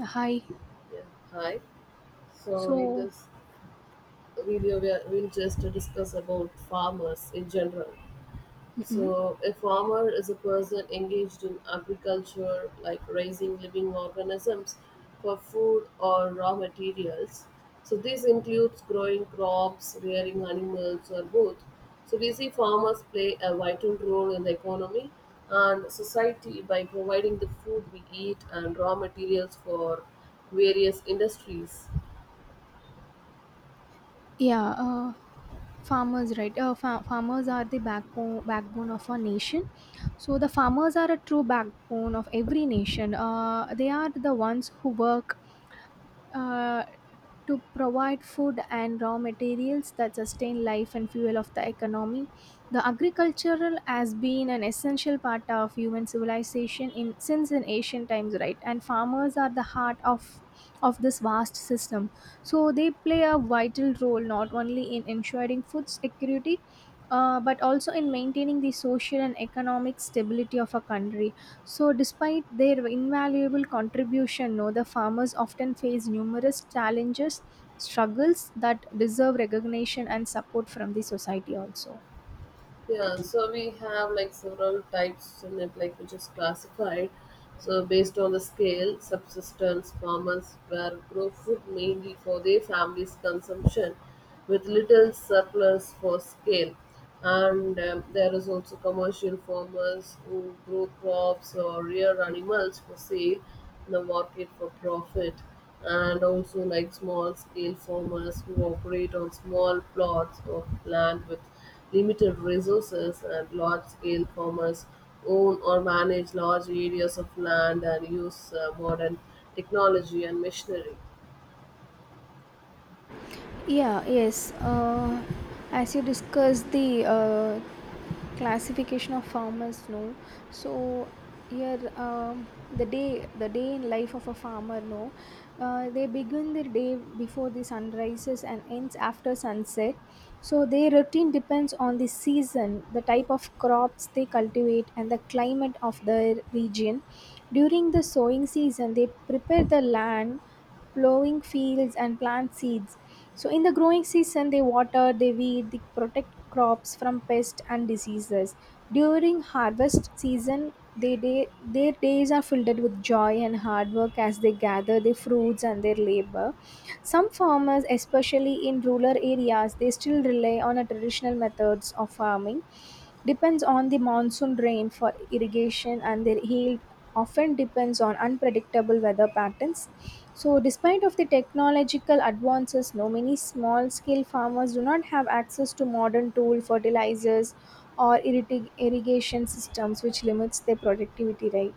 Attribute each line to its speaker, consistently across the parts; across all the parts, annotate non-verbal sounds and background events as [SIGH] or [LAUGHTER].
Speaker 1: Hi.
Speaker 2: Yeah, hi. So in
Speaker 1: So,
Speaker 2: this video, we'll just discuss about farmers in general.
Speaker 1: mm
Speaker 2: So a farmer is a person engaged in agriculture, like raising living organisms for food or raw materials. So this includes growing crops, rearing animals, or both. So we see farmers play a vital role in the economy and society by providing the food we eat and raw materials for various industries.
Speaker 1: yeah, uh, Farmers, right? Farmers are the backbone of a nation. So the farmers are a true backbone of every nation. They are the ones who work. Uh, to provide food and raw materials that sustain life and fuel of the economy. The agricultural has been an essential part of human civilization in since in ancient times, right? And farmers are the heart of this vast system. So they play a vital role not only in ensuring food security, but also in maintaining the social and economic stability of a country, so despite their invaluable contribution, no, the farmers often face numerous challenges, struggles that deserve recognition and support from the society also.
Speaker 2: Yeah, so we have like several types in it, like which is classified. So based on the scale, subsistence farmers were grow food mainly for their family's consumption, with little surplus for scale. And there is also commercial farmers who grow crops or rear animals for sale in the market for profit, and also like small scale farmers who operate on small plots of land with limited resources, and large-scale farmers own or manage large areas of land and use modern technology and machinery.
Speaker 1: Yeah, yes. As you discussed the classification of farmers, no, so here, the day in life of a farmer, no, they begin their day before the sun rises and ends after sunset. So their routine depends on the season, the type of crops they cultivate, and the climate of their region. During the sowing season, they prepare the land, plowing fields and plant seeds. So in the growing season, they water, they weed, they protect crops from pests and diseases. During harvest season, they their days are filled with joy and hard work as they gather their fruits and their labor. Some farmers, especially in rural areas, they still rely on a traditional methods of farming, depends on the monsoon rain for irrigation, and their yield often depends on unpredictable weather patterns. So despite of the technological advances, no, many small scale farmers do not have access to modern tool fertilizers or irrigation systems, which limits their productivity, right?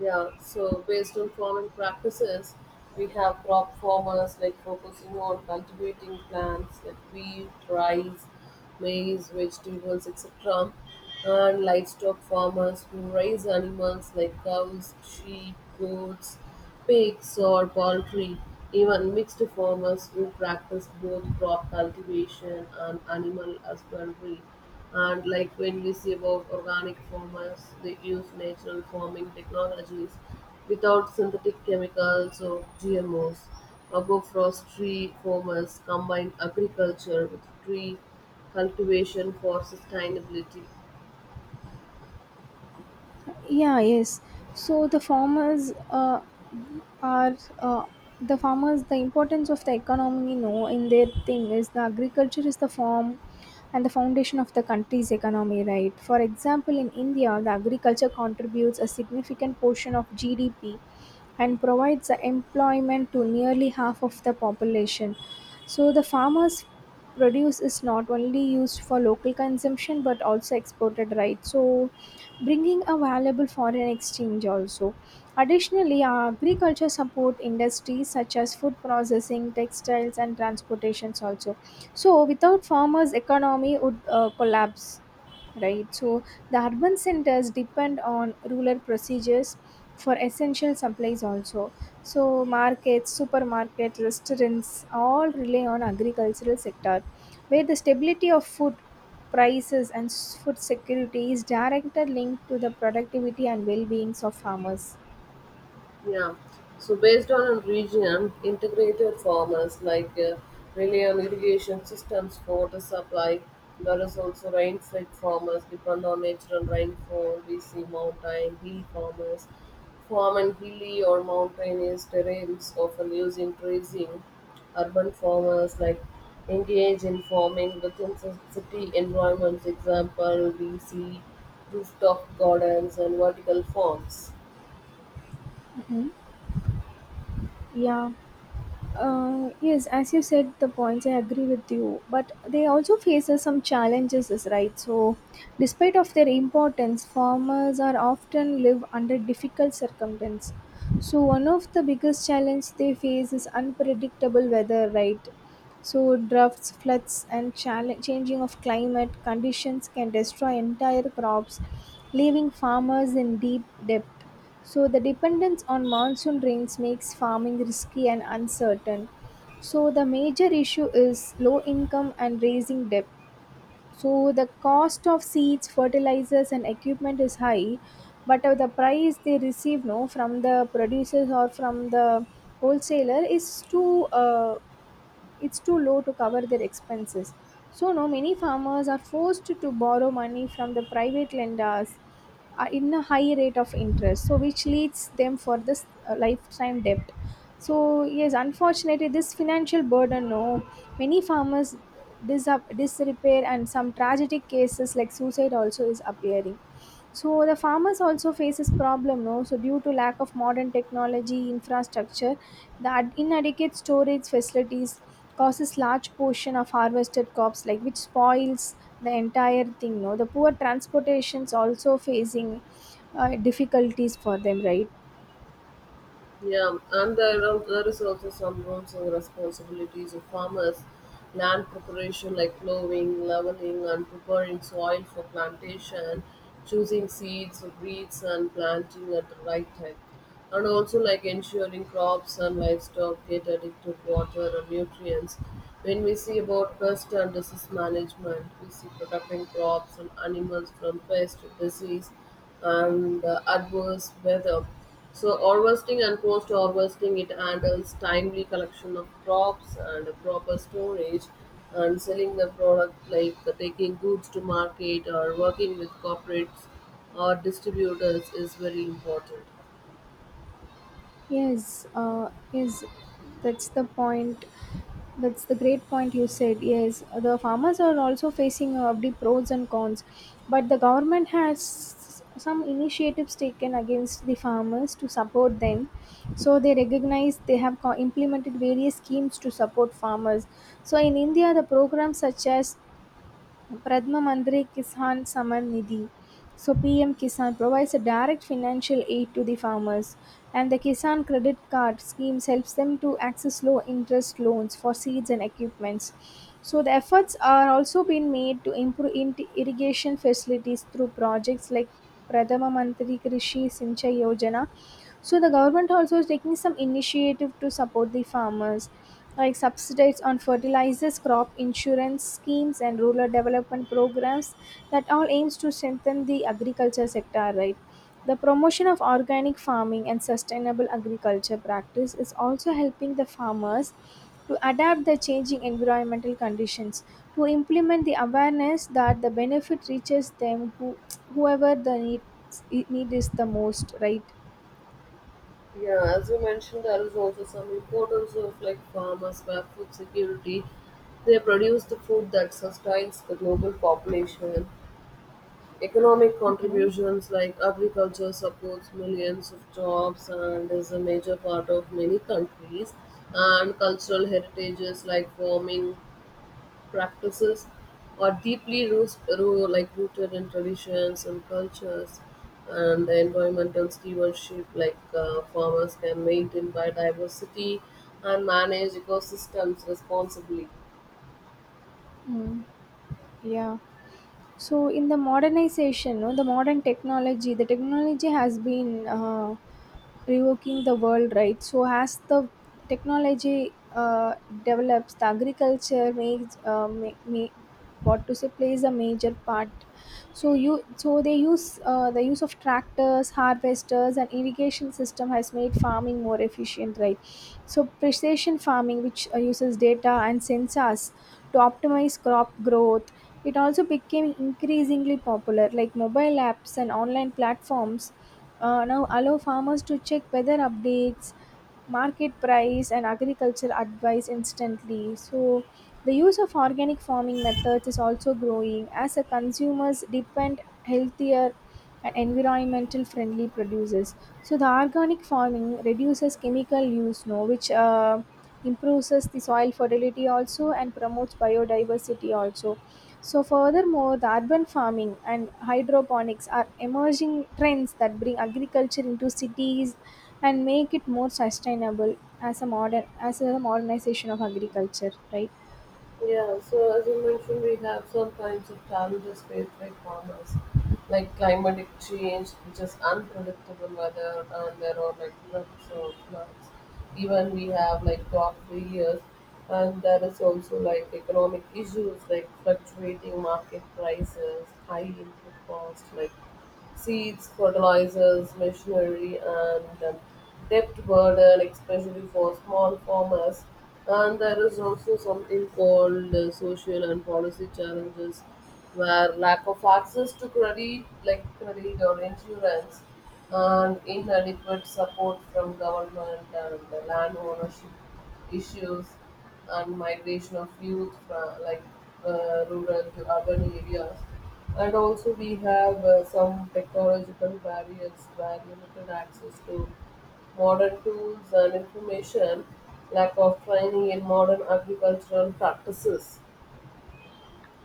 Speaker 2: Yeah, so based on farming practices, we have crop farmers like focusing on cultivating plants like wheat, rice, maize, vegetables, etc., and livestock farmers who raise animals like cows, sheep, goats, pigs, or poultry. Even mixed farmers who practice both crop cultivation and animal husbandry and like when we see about organic farmers, they use natural farming technologies without synthetic chemicals or GMOs. Agroforestry farmers combine agriculture with tree cultivation for sustainability.
Speaker 1: Yeah, yes. So the farmers, are the farmers, the importance of the economy, no, in their thing is the agriculture is the form and the foundation of the country's economy, right? For example, in India, the agriculture contributes a significant portion of GDP and provides the employment to nearly half of the population. So the farmers produce is not only used for local consumption but also exported, right? So bringing a valuable foreign exchange also. Additionally, our agriculture support industries such as food processing, textiles, and transportations also. So, without farmers, economy would collapse, right? So the urban centers depend on rural procedures for essential supplies also. So markets, supermarket, restaurants all rely on agricultural sector, where the stability of food prices and food security is directly linked to the productivity and well-being of farmers.
Speaker 2: Yeah. So based on region, integrated farmers like rely on irrigation systems for water supply. There is also rain-fed farmers depend on natural rainfall. We see mountain hill farmers farm in hilly or mountainous terrains, often using grazing. Urban farmers like engage in farming within city environments. Example, we see rooftop gardens and vertical farms.
Speaker 1: Yeah. Yes, as you said, the points I agree with you, but they also faces some challenges, is right? So, despite of their importance, farmers are often live under difficult circumstances. So, one of the biggest challenge they face is unpredictable weather, right? So droughts, floods, and challenge, changing of climate conditions can destroy entire crops, leaving farmers in deep debt. So the dependence on monsoon rains makes farming risky and uncertain. So the major issue is low income and raising debt. So the cost of seeds, fertilizers, and equipment is high, but the price they receive, no, from the producers or from the wholesaler is too low to cover their expenses. So, no, many farmers are forced to borrow money from the private lenders in a high rate of interest, so which leads them for this lifetime debt. So, yes, unfortunately, this financial burden, no, many farmers disrepair, and some tragic cases like suicide also is appearing. So the farmers also faces problem, no? So due to lack of modern technology infrastructure, the inadequate storage facilities causes large portion of harvested crops, like which spoils the entire thing, no? The poor transportations also facing difficulties for them, right?
Speaker 2: Yeah, and there is also some roles and responsibilities of farmers, land preparation like plowing, leveling, and preparing soil for plantation, choosing seeds, breeds, and planting at the right time and also like ensuring crops and livestock get adequate water and nutrients. When we see about pest and disease management, we see protecting crops and animals from pest, disease, and adverse weather. So harvesting and post-harvesting, it handles timely collection of crops and proper storage and selling the product like taking goods to market or working with corporates or distributors is very important.
Speaker 1: Yes, uh, yes, that's the point. That's the great point you said. Yes, the farmers are also facing the pros and cons, but the government has some initiatives taken against the farmers to support them. So they recognize they have implemented various schemes to support farmers. So in India, the programs such as Pradhan Mantri Kisan Samman Nidhi. So PM Kisan provides a direct financial aid to the farmers, and the Kisan Credit Card schemes helps them to access low interest loans for seeds and equipments. So the efforts are also being made to improve irrigation facilities through projects like Pradhan Mantri Krishi Sincha Yojana. So the government also is taking some initiative to support the farmers, like subsidies on fertilizers, crop insurance schemes, and rural development programs that all aims to strengthen the agriculture sector, right? The promotion of organic farming and sustainable agriculture practice is also helping the farmers to adapt the changing environmental conditions, to implement the awareness that the benefit reaches them who whoever need is the most, right?
Speaker 2: Yeah, as you mentioned, there is also some importance of like farmers where food security. They produce the food that sustains the global population. Economic
Speaker 1: Mhm.
Speaker 2: contributions like agriculture supports millions of jobs and is a major part of many countries. And cultural heritages like farming practices are deeply like rooted in traditions and cultures and the environmental stewardship like farmers can maintain biodiversity and manage ecosystems responsibly.
Speaker 1: Mm, yeah. So in the modernization, no, the modern technology, the technology has been revoking the world, right? So as the technology develops, the agriculture makes what to say, plays a major part. So you, so they use the use of tractors, harvesters, and irrigation system has made farming more efficient, right? So precision farming, which uses data and sensors to optimize crop growth, it also became increasingly popular, like mobile apps and online platforms now allow farmers to check weather updates, market price, and agriculture advice instantly. So, the use of organic farming methods is also growing as the consumers depend healthier and environmental friendly producers. So, the organic farming reduces chemical use, no, which improves the soil fertility also and promotes biodiversity also. So furthermore, the urban farming and hydroponics are emerging trends that bring agriculture into cities and make it more sustainable, as a modernization of agriculture, right?
Speaker 2: Yeah, so as you mentioned, we have some kinds of challenges faced by farmers, like climate change, which is unpredictable weather, and there are like droughts or floods. Even we have like crop failures, and there is also like economic issues like fluctuating market prices, high input costs, like seeds, fertilizers, machinery, and debt burden, especially for small farmers. And there is also something called social and policy challenges, where lack of access to credit, like credit or insurance, and inadequate support from government and the land ownership issues and migration of youth from like rural to urban areas and also, we have some technological barriers where limited access to modern tools and information, lack of training in modern agricultural practices.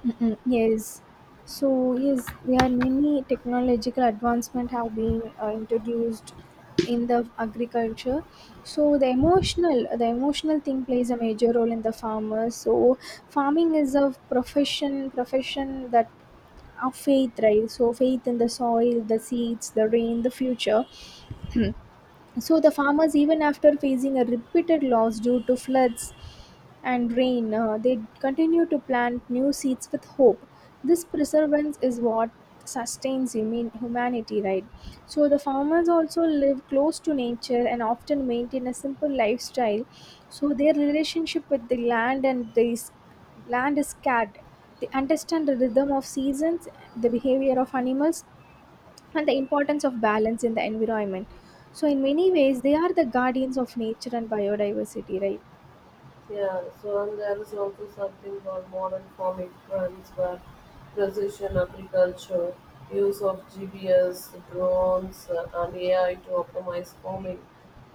Speaker 1: Mm-mm, yes. So yes, there are many technological advancement have been introduced in the agriculture. So the emotional thing plays a major role in the farmers. So farming is a profession that of faith, right? So faith in the soil, the seeds, the rain, the future. [CLEARS THROAT] So the farmers, even after facing a repeated loss due to floods and rain, they continue to plant new seeds with hope. This perseverance is what sustains humanity, right? So, the farmers also live close to nature and often maintain a simple lifestyle. So, their relationship with the land and land is cared. They understand the rhythm of seasons, the behavior of animals, and the importance of balance in the environment. So, in many ways, they are the guardians of nature and biodiversity, right?
Speaker 2: Yeah, so and there is also something called modern farming trends where precision agriculture, use of GPS drones, and AI to optimize farming,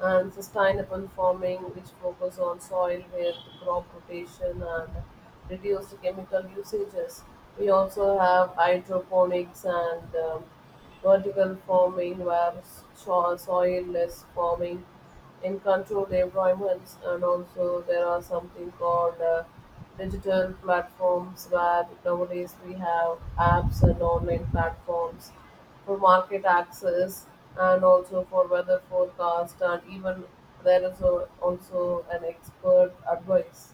Speaker 2: and sustainable farming, which focus on soil health, crop rotation, and reduced chemical usages. We also have hydroponics and vertical farming, where soil-less farming in controlled environments and also there are something called digital platforms where nowadays we have apps and online platforms for market access and also for weather forecast and even there is a, also an expert advice.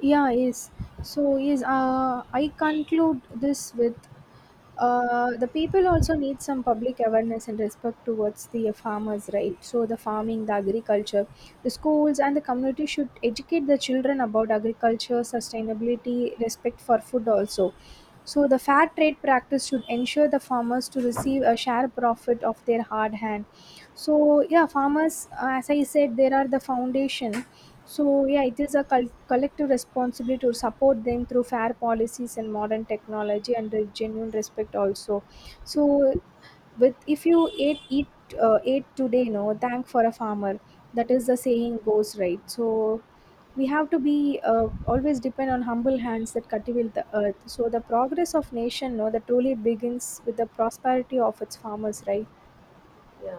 Speaker 1: Yeah, yes. So, yes, I conclude this with the people also need some public awareness and respect towards the farmers, right? So, the farming, the agriculture, the schools, and the community should educate the children about agriculture, sustainability, respect for food, also. So, the fair trade practice should ensure the farmers to receive a share profit of their hard hand. So, yeah, farmers, as I said, there are the foundation. So yeah, it is a collective responsibility to support them through fair policies and modern technology and a genuine respect also. So, with if you ate eat ate today, no, thank for a farmer. That is the saying goes, right? So we have to be always depend on humble hands that cultivate the earth. So the progress of nation, no, that truly begins with the prosperity of its farmers, right?
Speaker 2: Yeah.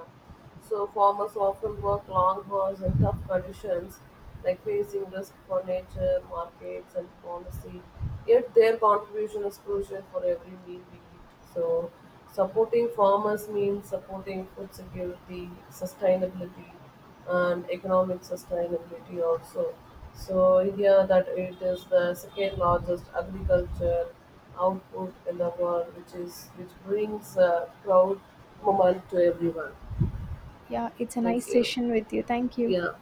Speaker 2: So farmers often work long hours in tough conditions, like facing risk for nature, markets, and policy. Yet their contribution is crucial for every meal we eat. So supporting farmers means supporting food security, sustainability, and economic sustainability also. So India, that it is the second largest agriculture output in the world, which is which brings proud moment to everyone.
Speaker 1: Yeah, it's a
Speaker 2: Thank
Speaker 1: nice
Speaker 2: you.
Speaker 1: session with you. Thank you.
Speaker 2: Yeah,